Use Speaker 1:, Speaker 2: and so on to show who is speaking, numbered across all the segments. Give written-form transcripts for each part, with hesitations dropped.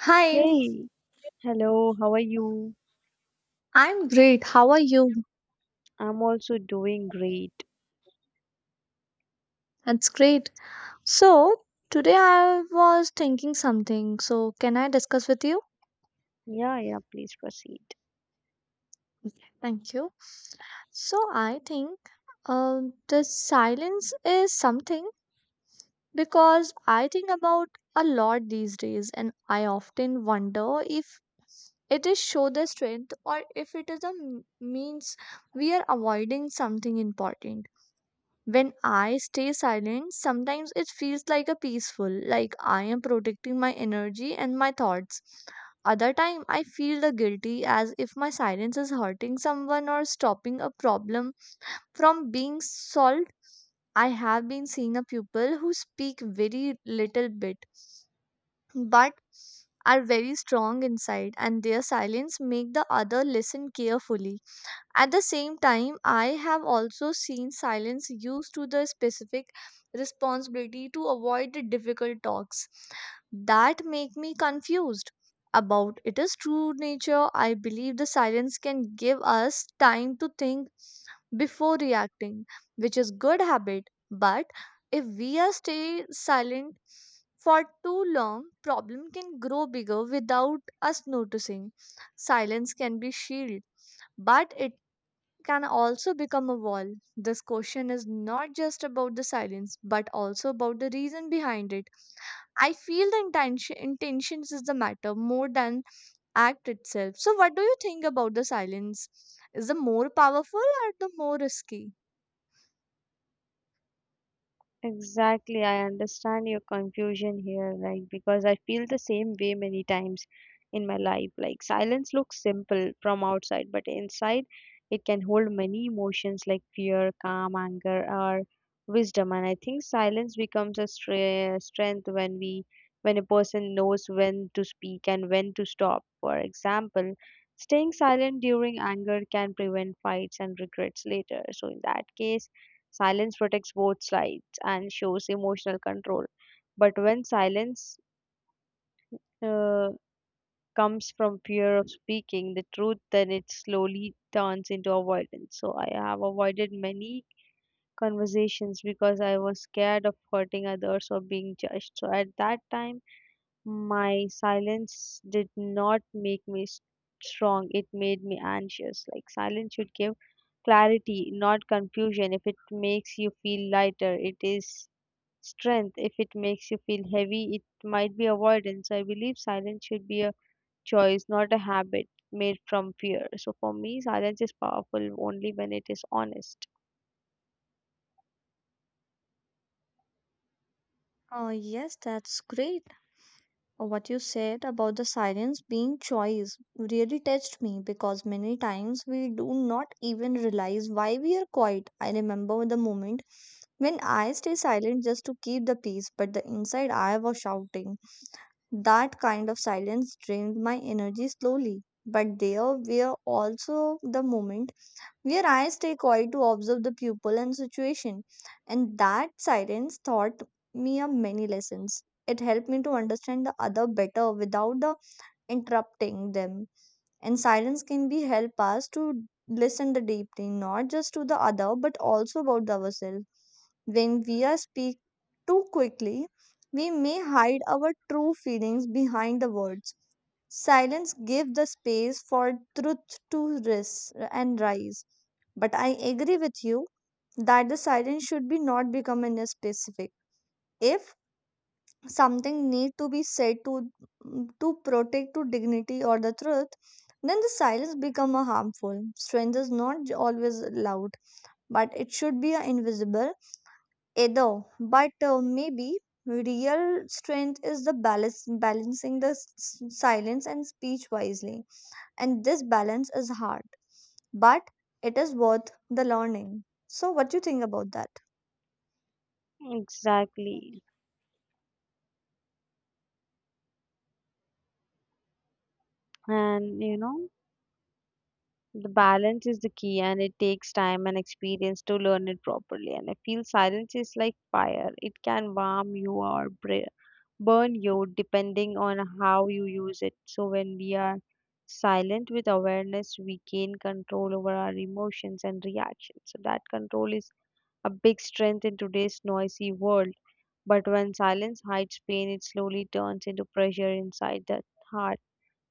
Speaker 1: Hi,
Speaker 2: Hey, hello, how are you?
Speaker 1: I'm great. How are you?
Speaker 2: I'm also doing great.
Speaker 1: That's great. So, today I was thinking something. So, can I discuss with you?
Speaker 2: Yeah, yeah, please proceed.
Speaker 1: Thank you. So, I think the silence is something because I think about a lot these days, and I often wonder if it is show the strength or if it is a means we are avoiding something important. When I stay silent, sometimes it feels like a peaceful, like I am protecting my energy and my thoughts. Other time, I feel the guilty as if my silence is hurting someone or stopping a problem from being solved. I have been seeing a people who speak very little bit, but are very strong inside, and their silence make the other listen carefully. At the same time, I have also seen silence used to the specific responsibility to avoid the difficult talks that make me confused about it is true nature. I believe the silence can give us time to think before reacting, which is good habit, but if we are stay silent for too long, problem can grow bigger without us noticing. Silence can be shield, but it can also become a wall. This question is not just about the silence, but also about the reason behind it. I feel the intentions is the matter more than act itself. So, what do you think about the silence? Is the more powerful or the more risky?
Speaker 2: Exactly, I understand your confusion here, like because I feel the same way many times in my life. Like silence looks simple from outside, but inside it can hold many emotions like fear, calm, anger, or wisdom. And I think silence becomes a strength when we when a person knows when to speak and when to stop. For example, staying silent during anger can prevent fights and regrets later. So in that case, silence protects both sides and shows emotional control. But when silence uh, comes from fear of speaking the truth, then it slowly turns into avoidance. So I have avoided many conversations because I was scared of hurting others or being judged. So at that time, my silence did not make me strong, it made me anxious. Like silence should give clarity, not confusion. If it makes you feel lighter, it is strength. If it makes you feel heavy, it might be avoidance. I believe silence should be a choice, not a habit made from fear. So for me, silence is powerful only when it is honest.
Speaker 1: Oh, yes, that's great. What you said about the silence being choice really touched me because many times we do not even realize why we are quiet. I remember the moment when I stay silent just to keep the peace, but the inside I was shouting. That kind of silence drained my energy slowly. But there were also the moment where I stay quiet to observe the pupil and situation, and that silence taught me a many lessons. It helped me to understand the other better without the interrupting them, and silence can be help us to listen the deeply, not just to the other but also about ourselves. When we are speak too quickly, we may hide our true feelings behind the words. Silence gives the space for truth to rise and rise. But I agree with you that the silence should be not become in a specific. If something need to be said to protect to dignity or the truth, then the silence become a harmful. Strength is not always loud, but it should be a invisible either. But maybe real strength is the balance, balancing the silence and speech wisely, and this balance is hard but it is worth the learning. So what do you think about that?
Speaker 2: Exactly. And you know, the balance is the key, and it takes time and experience to learn it properly. And I feel silence is like fire, it can warm you or burn you depending on how you use it. So, when we are silent with awareness, we gain control over our emotions and reactions. So, that control is a big strength in today's noisy world. But when silence hides pain, it slowly turns into pressure inside the heart.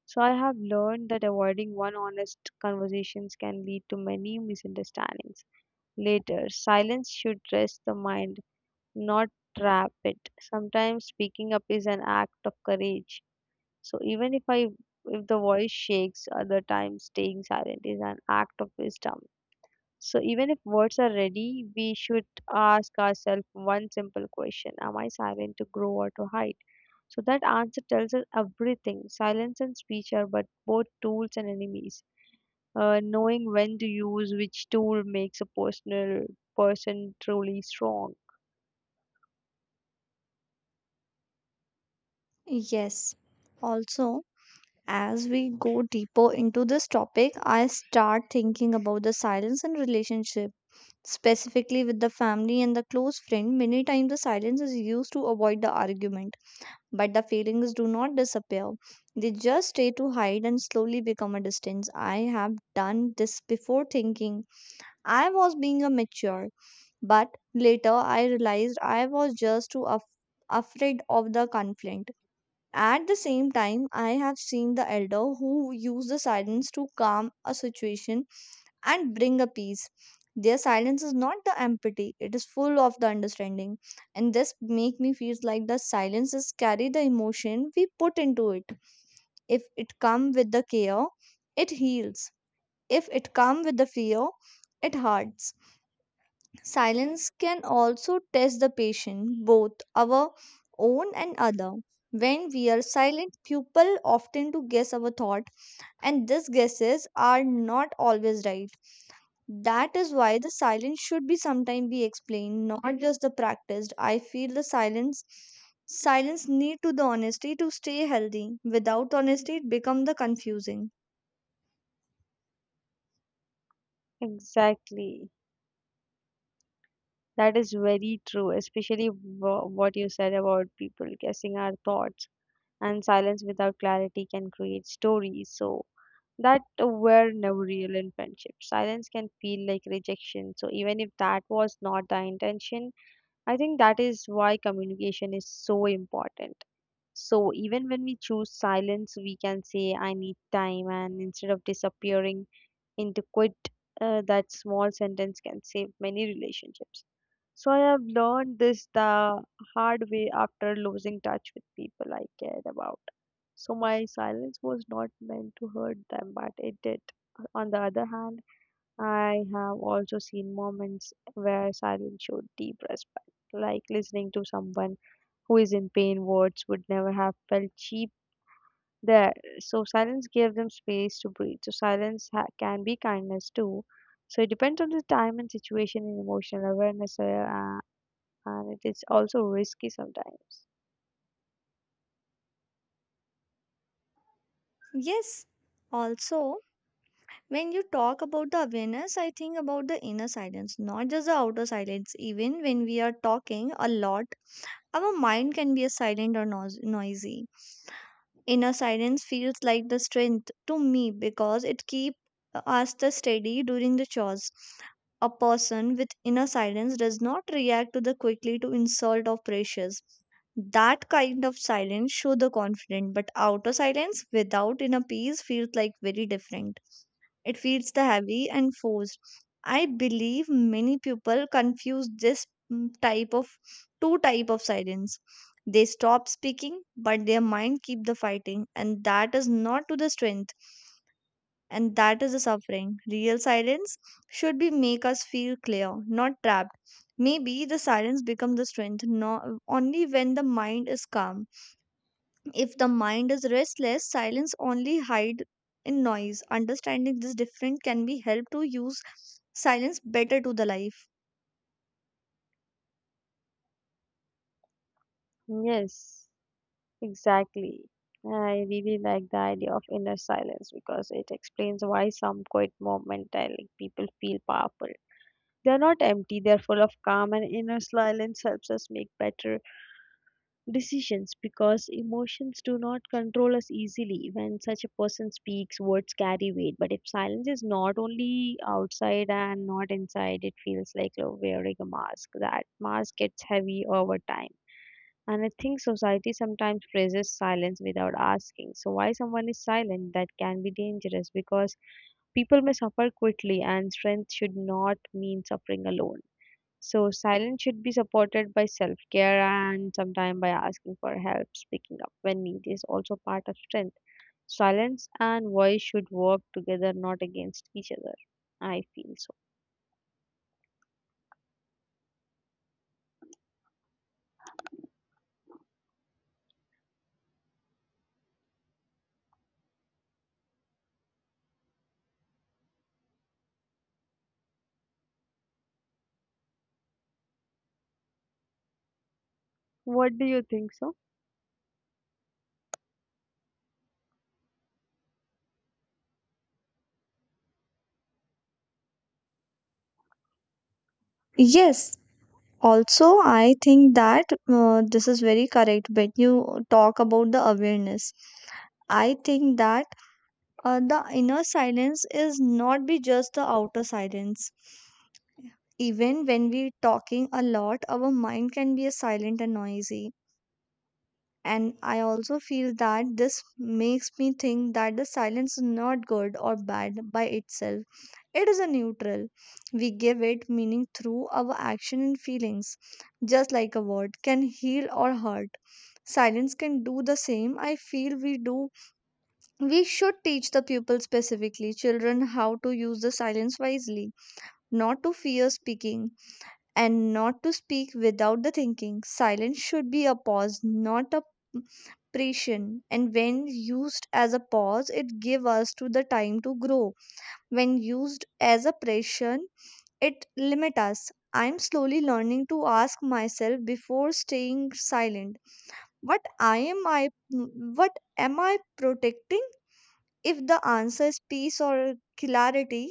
Speaker 2: So I have learned that avoiding one honest conversations can lead to many misunderstandings. Later, silence should rest the mind, not trap it. Sometimes speaking up is an act of courage. So even if I if the voice shakes, other times staying silent is an act of wisdom. So even if words are ready, we should ask ourselves one simple question: Am I silent to grow or to hide? So that answer tells us everything. Silence and speech are but both tools and enemies. Knowing when to use which tool makes a person truly strong.
Speaker 1: Yes. Also, as we go deeper into this topic, I start thinking about the silence in relationship, specifically with the family and the close friend. Many times the silence is used to avoid the argument, but the feelings do not disappear. They just stay to hide and slowly become a distance. I have done this before thinking I was being a mature, but later I realized I was just too afraid of the conflict. At the same time, I have seen the elder who use the silence to calm a situation and bring a peace. Their silence is not the empathy, it is full of the understanding. And this make me feel like the silences carry the emotion we put into it. If it come with the care, it heals. If it come with the fear, it hurts. Silence can also test the patient, both our own and other. When we are silent, people often to guess our thought, and these guesses are not always right. That is why the silence should be sometimes be explained, not just the practiced. I feel the silence need to the honesty to stay healthy. Without honesty, it become the confusing.
Speaker 2: Exactly. That is very true, especially what you said about people guessing our thoughts. And silence without clarity can create stories. So that were never real in friendship. Silence can feel like rejection. So even if that was not the intention, I think that is why communication is so important. So even when we choose silence, we can say I need time, and instead of disappearing inadequate, that small sentence can save many relationships. So I have learned this the hard way after losing touch with people I cared about. So my silence was not meant to hurt them, but it did. On the other hand, I have also seen moments where silence showed deep respect, like listening to someone who is in pain. Words would never have felt cheap there, so silence gives them space to breathe. So silence can be kindness too. So it depends on the time and situation and emotional awareness, and it is also risky sometimes.
Speaker 1: Yes, also when you talk about the awareness, I think about the inner silence, not just the outer silence. Even when we are talking a lot, our mind can be a silent or noisy. Inner silence feels like the strength to me because it keeps us the steady during the chores. A person with inner silence does not react to the quickly to insult or pressures. That kind of silence show the confident, but outer silence without inner peace feels like very different. It feels the heavy and forced. I believe many people confuse this type of two type of silence. They stop speaking, but their mind keep the fighting, and that is not to the strength, and that is the suffering. Real silence should be make us feel clear, not trapped. Maybe the silence becomes the strength, not only when the mind is calm. If the mind is restless, silence only hide in noise. Understanding this difference can be help to use silence better to the life.
Speaker 2: Yes, exactly. I really like the idea of inner silence because it explains why some quiet moment like people feel powerful. They're not empty, they're full of calm, and inner silence helps us make better decisions because emotions do not control us easily. When such a person speaks, words carry weight. But if silence is not only outside and not inside, it feels like you're wearing a mask. That mask gets heavy over time, and I think society sometimes praises silence without asking so why someone is silent. That can be dangerous because people may suffer quickly, and strength should not mean suffering alone. So silence should be supported by self-care and sometimes by asking for help. Speaking up when needed is also part of strength. Silence and voice should work together, not against each other. I feel so. What do you think so?
Speaker 1: Yes. Also, I think that this is very correct when you talk about the awareness. I think that the inner silence is not be just the outer silence. Even when we talking a lot, our mind can be a silent and noisy. And I also feel that this makes me think that the silence is not good or bad by itself. It is a neutral. We give it meaning through our action and feelings, just like a word can heal or hurt. Silence can do the same. I feel we do. We should teach the pupil specifically, children, how to use the silence wisely, not to fear speaking, and not to speak without the thinking. Silence should be a pause, not a expression, and when used as a pause, it gives us to the time to grow. When used as a pressure, it limits us. I'm slowly learning to ask myself before staying silent, what i am i what am I protecting? If the answer is peace or clarity,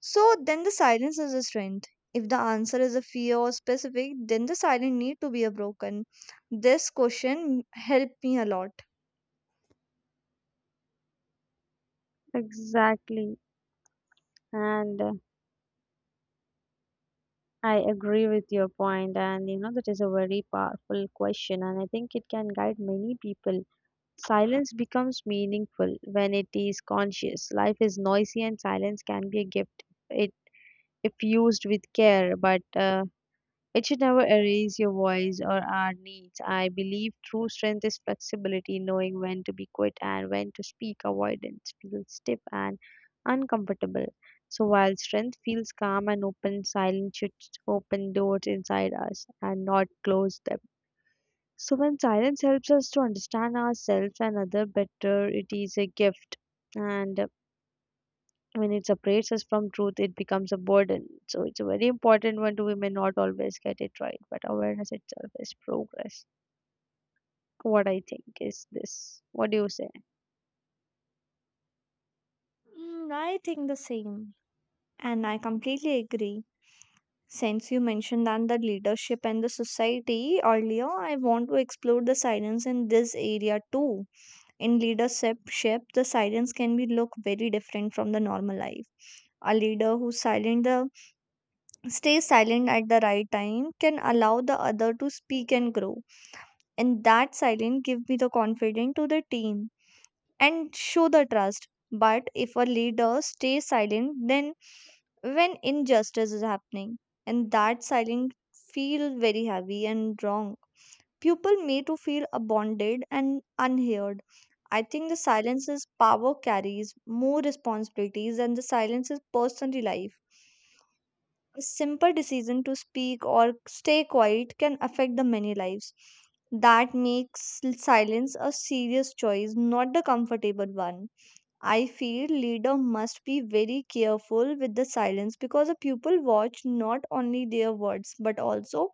Speaker 1: so then the silence is a strength. If the answer is a fear or specific, then the silence need to be a broken. This question helped me a lot.
Speaker 2: Exactly. And I agree with your point. And you know that is a very powerful question, and I think it can guide many people. Silence becomes meaningful when it is conscious. Life is noisy and silence can be a gift. It if used with care, but it should never erase your voice or our needs. I believe true strength is flexibility, knowing when to be quiet and when to speak. Avoidance feels stiff and uncomfortable. So while strength feels calm and open, silence should open doors inside us and not close them. So when silence helps us to understand ourselves and other better, it is a gift. And when it separates us from truth, it becomes a burden. So it's a very important one to we may not always get it right, but awareness itself is progress. What I think is this. What do you say?
Speaker 1: I think the same. And I completely agree. Since you mentioned that the leadership and the society earlier, I want to explore the silence in this area too. In leadership, the silence can be look very different from the normal life. A leader who silent the stays silent at the right time can allow the other to speak and grow. And that silence give me the confidence to the team, and show the trust. But if a leader stays silent, then when injustice is happening, and that silence feel very heavy and wrong, people may to feel abandoned and unheard. I think the silence's power carries more responsibilities than the silence's personal life. A simple decision to speak or stay quiet can affect the many lives. That makes silence a serious choice, not the comfortable one. I feel leader must be very careful with the silence because the pupil watch not only their words but also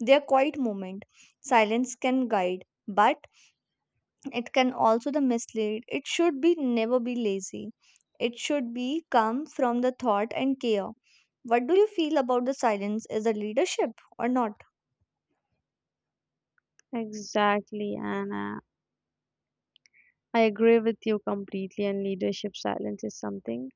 Speaker 1: their quiet moment. Silence can guide, but it can also the mislead. It should be never be lazy. It should be come from the thought and care. What do you feel about the silence as a leadership or not?
Speaker 2: Exactly, Anna. I agree with you completely, and leadership silence is something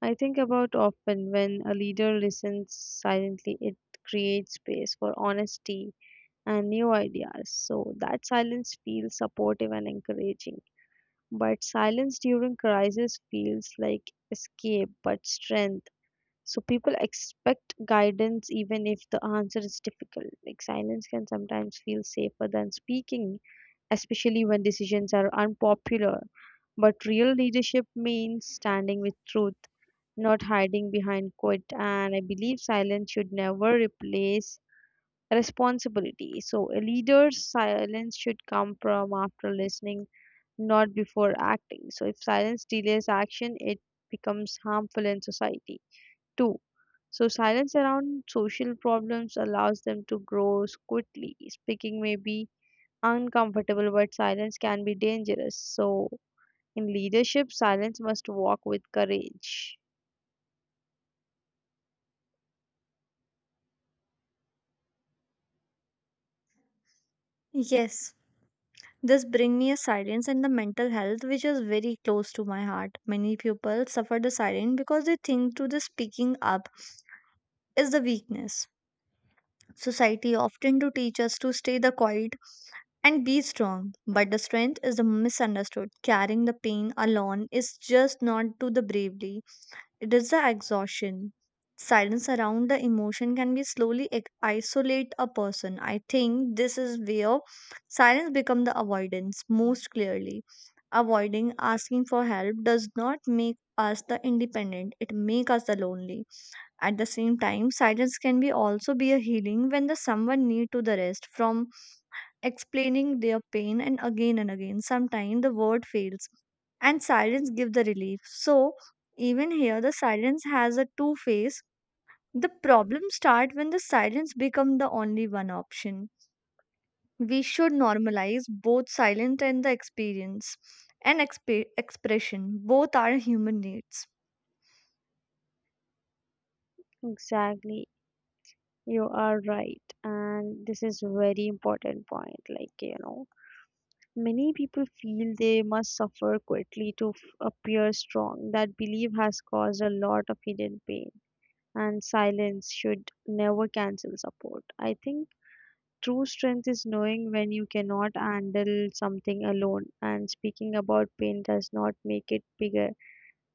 Speaker 2: I think about often. When a leader listens silently, it creates space for honesty and new ideas. So that silence feels supportive and encouraging. But silence during crisis feels like escape but strength. So people expect guidance even if the answer is difficult. Like silence can sometimes feel safer than speaking, especially when decisions are unpopular. But real leadership means standing with truth, not hiding behind quote. And I believe silence should never replace responsibility. So a leader's silence should come from after listening, not before acting. So, if silence delays action, it becomes harmful in society. Two, so silence around social problems allows them to grow quickly. Speaking may be uncomfortable, but silence can be dangerous. So, in leadership, silence must walk with courage.
Speaker 1: Yes, this brings me a silence and the mental health, which is very close to my heart. Many people suffer the silence because they think to the speaking up is the weakness. Society often to teach us to stay the quiet and be strong, but the strength is the misunderstood. Carrying the pain alone is just not to the bravely. It is the exhaustion. Silence around the emotion can be slowly isolate a person. I think this is where silence becomes the avoidance most clearly. Avoiding asking for help does not make us the independent, it makes us the lonely. At the same time, silence can be also be a healing when the someone need to the rest from explaining their pain and again and again. Sometimes the word fails and silence gives the relief. So even here the silence has a two face. The problem start when the silence become the only one option. We should normalize both silence and the experience and expression. Both are human needs.
Speaker 2: Exactly, you are right, and this is very important point. Like you know, many people feel they must suffer quietly to appear strong. That belief has caused a lot of hidden pain, and silence should never cancel support. I think true strength is knowing when you cannot handle something alone, and speaking about pain does not make it bigger,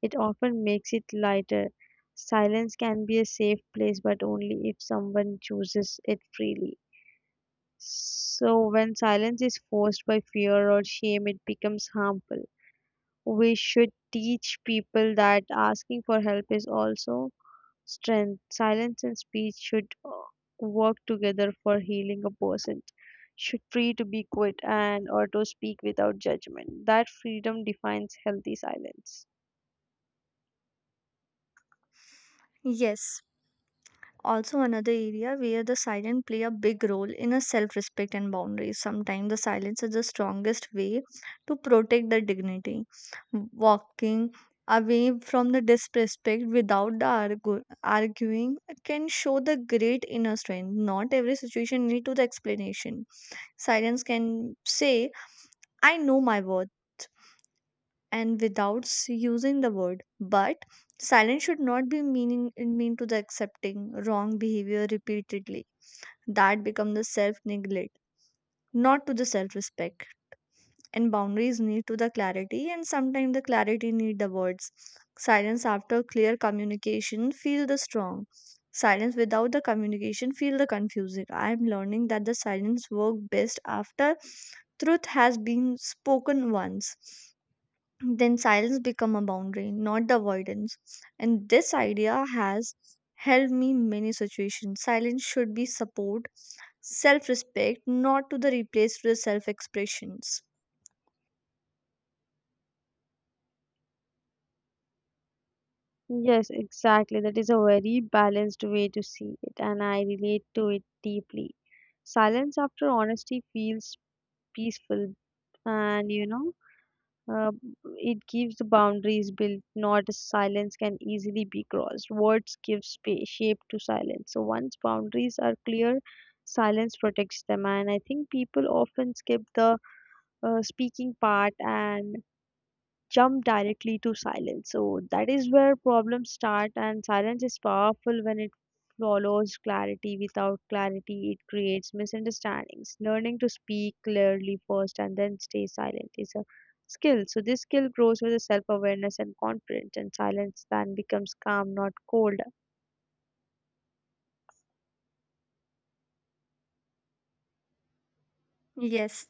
Speaker 2: it often makes it lighter. Silence can be a safe place, but only if someone chooses it freely. So, when silence is forced by fear or shame, it becomes harmful. We should teach people that asking for help is also strength. Silence and speech should work together for healing a person. Should free to be quiet and or to speak without judgment. That freedom defines healthy silence.
Speaker 1: Yes. Also, another area where the silent play a big role in a self-respect and boundaries. Sometimes the silence is the strongest way to protect the dignity, walking away from the disrespect without arguing can show the great inner strength. Not every situation need to the explanation. Silence can say, "I know my worth," and without using the word. But silence should not be mean to the accepting wrong behavior repeatedly. That become the self neglect, not to the self respect. And boundaries need to the clarity, and sometimes the clarity need the words. Silence after clear communication feel the strong. Silence without the communication feel the confusing. I am learning that the silence work best after truth has been spoken once. Then silence become a boundary, not the avoidance. And this idea has helped me in many situations. Silence should be support self respect, not to the replace for the self expressions.
Speaker 2: Yes, exactly. That is a very balanced way to see it, and I relate to it deeply. Silence after honesty feels peaceful, and you know. Uh, it gives the boundaries built, not silence can easily be crossed. Words give space, shape to silence. So once boundaries are clear, silence protects them. And I think people often skip the speaking part and jump directly to silence. So that is where problems start, and silence is powerful when it follows clarity. Without clarity, it creates misunderstandings. Learning to speak clearly first and then stay silent is a skill. So this skill grows with self awareness and confidence, and silence then becomes calm, not cold.
Speaker 1: Yes.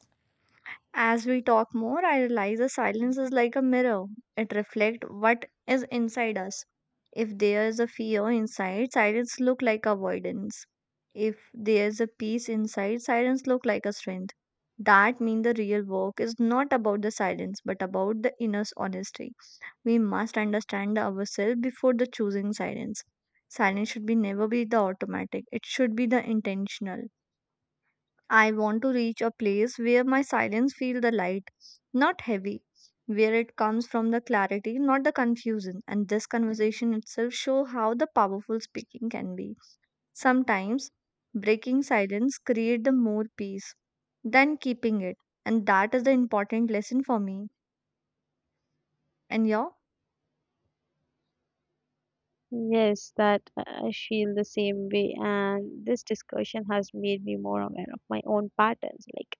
Speaker 1: As we talk more, I realize the silence is like a mirror. It reflects what is inside us. If there is a fear inside, silence look like avoidance. If there is a peace inside, silence look like a strength. That means the real work is not about the silence, but about the inner honesty. We must understand ourselves before the choosing silence. Silence should be never be the automatic. It should be the intentional. I want to reach a place where my silence feel the light, not heavy, where it comes from the clarity, not the confusion. And this conversation itself show how the powerful speaking can be. Sometimes breaking silence create the more peace than keeping it. And that is the important lesson for me. And your?
Speaker 2: Yes, that I feel the same way, and this discussion has made me more aware of my own patterns. Like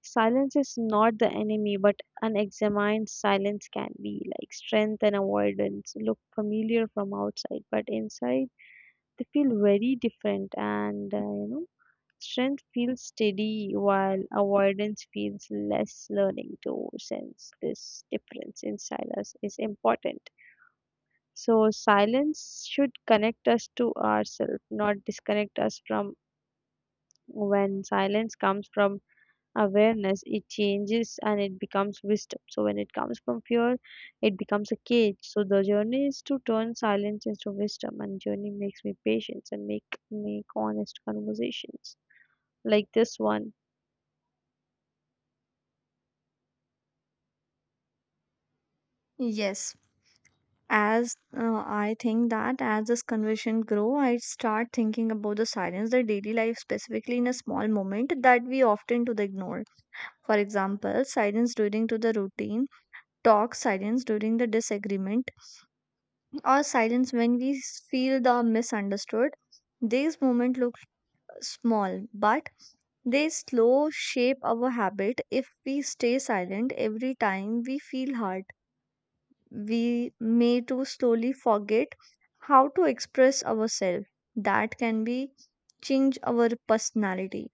Speaker 2: silence is not the enemy, but unexamined silence can be. Like strength and avoidance look familiar from outside, but inside they feel very different. And you know, strength feels steady while avoidance feels less. Learning to sense this difference inside us is important. So, silence should connect us to ourselves, not disconnect us from when silence comes from awareness, it changes and it becomes wisdom. So when it comes from fear, it becomes a cage. So the journey is to turn silence into wisdom, and journey makes me patience and make honest conversations like this one.
Speaker 1: Yes. As I think that as this conversation grow, I start thinking about the silence, the daily life specifically in a small moment that we often to the ignore. For example, silence during to the routine talk, silence during the disagreement, or silence when we feel the misunderstood. These moments look small, but they slow shape our habit. If we stay silent every time we feel hurt, we may too slowly forget how to express ourselves. That can be change our personality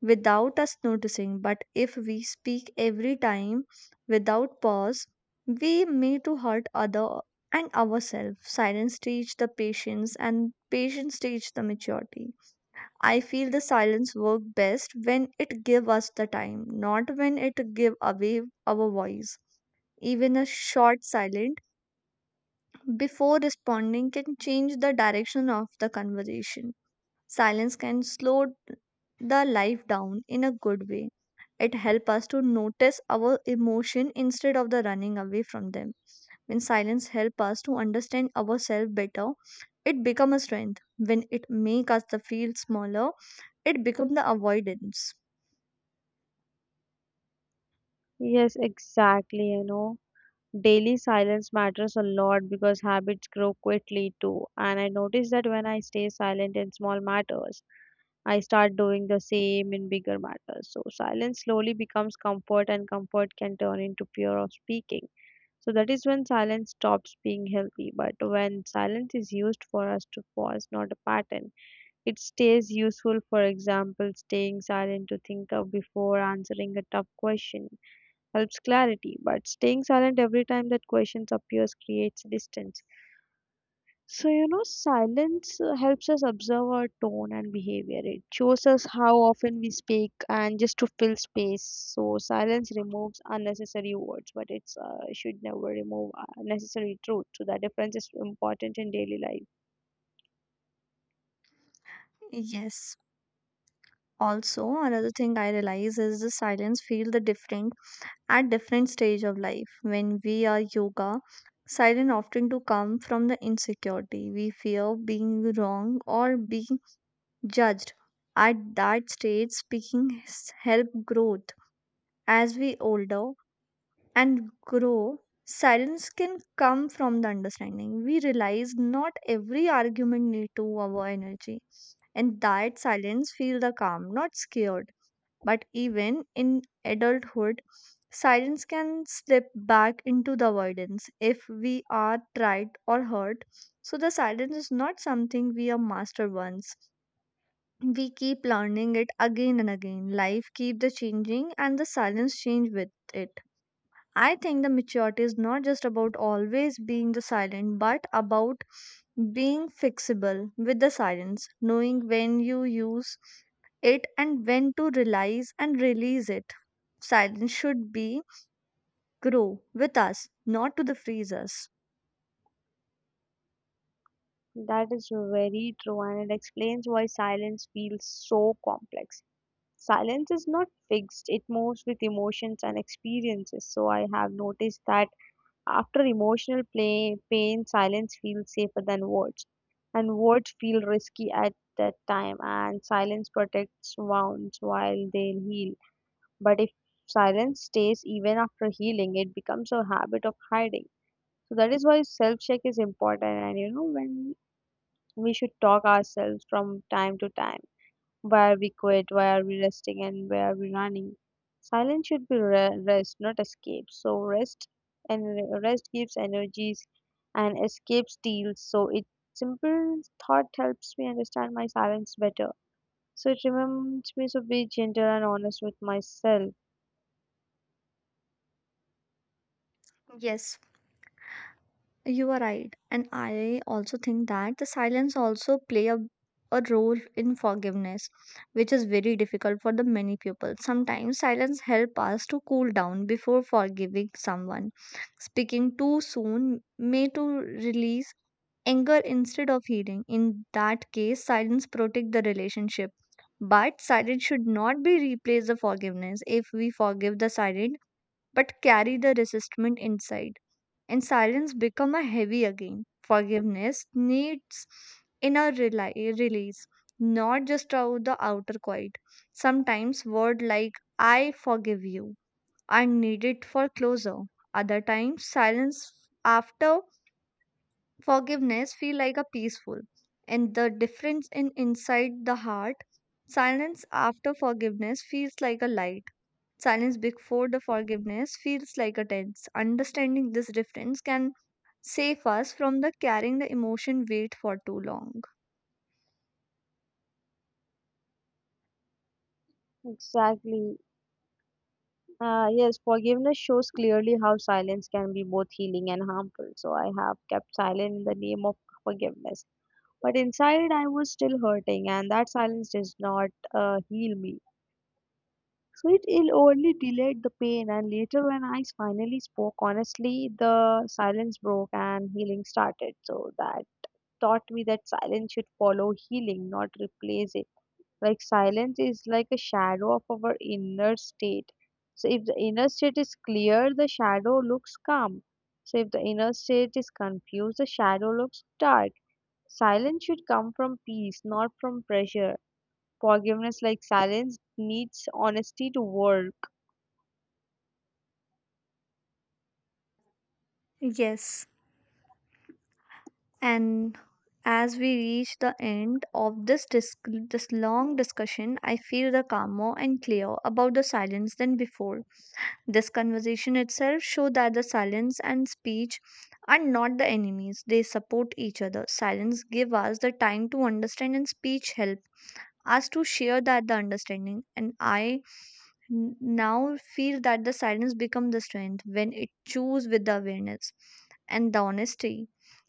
Speaker 1: without us noticing. But if we speak every time without pause, we may to hurt other and ourselves. Silence teach the patience and patience teach the maturity. I feel the silence work best when it give us the time, not when it give away our voice. Even a short silent before responding can change the direction of the conversation. Silence can slow the life down in a good way. It helps us to notice our emotion instead of the running away from them. When silence helps us to understand ourselves better, it becomes a strength. When it makes us the feel smaller, it becomes the avoidance.
Speaker 2: Yes, exactly. You know, daily silence matters a lot because habits grow quickly too. And I notice that when I stay silent in small matters, I start doing the same in bigger matters. So silence slowly becomes comfort, and comfort can turn into fear of speaking. So that is when silence stops being healthy. But when silence is used for us to pause, not a pattern, it stays useful. For example, staying silent to think of before answering a tough question helps clarity. But staying silent every time that questions appears creates distance. So, you know, silence helps us observe our tone and behavior. It shows us how often we speak and just to fill space. So, silence removes unnecessary words, but it should never remove unnecessary truth. So, that difference is important in daily life.
Speaker 1: Yes. Also, another thing I realize is the silence feel the different at different stage of life. When we are yoga, silence often to come from the insecurity. We fear being wrong or being judged. At that stage, speaking help growth. As we older and grow, silence can come from the understanding. We realize not every argument need to our energy, and that silence feel the calm, not scared. But even in adulthood, silence can slip back into the avoidance if we are tried or hurt. So the silence is not something we are master once. We keep learning it again and again. Life keep the changing and the silence change with it. I think the maturity is not just about always being the silent, but about being fixable with the silence, knowing when you use it and when to realize and release it. Silence should be grow with us, not to the freeze us.
Speaker 2: That is very true, and it explains why silence feels so complex. Silence is not fixed, it moves with emotions and experiences. So, I have noticed that after emotional play, pain, silence feels safer than words. And words feel risky at that time, and silence protects wounds while they heal. But if silence stays even after healing, it becomes a habit of hiding. So that is why self check is important, and you know, when we should talk ourselves from time to time why are we quiet? Why are we resting? And why are we running? Silence should be rest, not escape. So rest and rest gives energies, and escape steals. So it simple thought helps me understand my silence better. So it reminds me to be gentle and honest with myself.
Speaker 1: Yes, you are right. And I also think that the silence also play a role in forgiveness, which is very difficult for the many people. Sometimes silence help us to cool down before forgiving someone. Speaking too soon may to release anger instead of healing. In that case, silence protect the relationship. But silence should not be replaced the forgiveness. If we forgive the silent but carry the resentment inside, and silence become a heavy again. Forgiveness needs inner release, not just out the outer quiet. Sometimes word like "I forgive you" are needed for closure. Other times, silence after forgiveness feel like a peaceful, and the difference in inside the heart. Silence after forgiveness feels like a light. Silence before the forgiveness feels like a tense. Understanding this difference can save us from the carrying the emotion weight for too long.
Speaker 2: Exactly. Yes, forgiveness shows clearly how silence can be both healing and harmful. So I have kept silent in the name of forgiveness. But inside, I was still hurting, and that silence did not heal me. So it only delayed the pain, and later, when I finally spoke honestly, the silence broke and healing started. So that taught me that silence should follow healing, not replace it. Like silence is like a shadow of our inner state. So if the inner state is clear, the shadow looks calm. So if the inner state is confused, the shadow looks dark. Silence should come from peace, not from pressure. Forgiveness, like silence, needs honesty to work.
Speaker 1: Yes. And as we reach the end of this long discussion, I feel the calmer and clear about the silence than before. This conversation itself show that the silence and speech are not the enemies. They support each other. Silence give us the time to understand and speech help us to share that the understanding. And I now feel that the silence become the strength when it choose with the awareness and the honesty.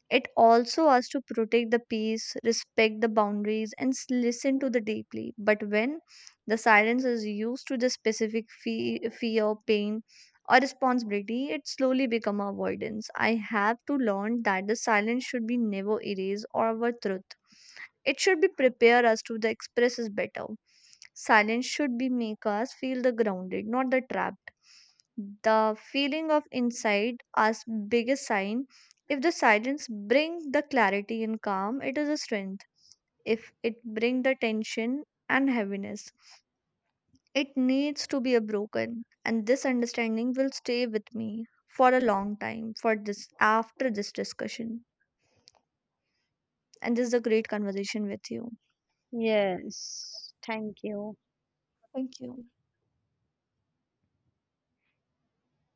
Speaker 1: It also asks to protect the peace, respect the boundaries, and listen to the deeply. But when the silence is used to the specific fear, pain, or responsibility, it slowly become avoidance. I have to learn that the silence should be never erased or our truth. It should be prepare us to the express is better. Silence should be make us feel the grounded, not the trapped. The feeling of inside as biggest sign. If the silence bring the clarity and calm, it is a strength. If it bring the tension and heaviness, it needs to be a broken. And this understanding will stay with me for a long time for this after this discussion. And this is a great conversation with you.
Speaker 2: Yes, thank you.
Speaker 1: Thank you.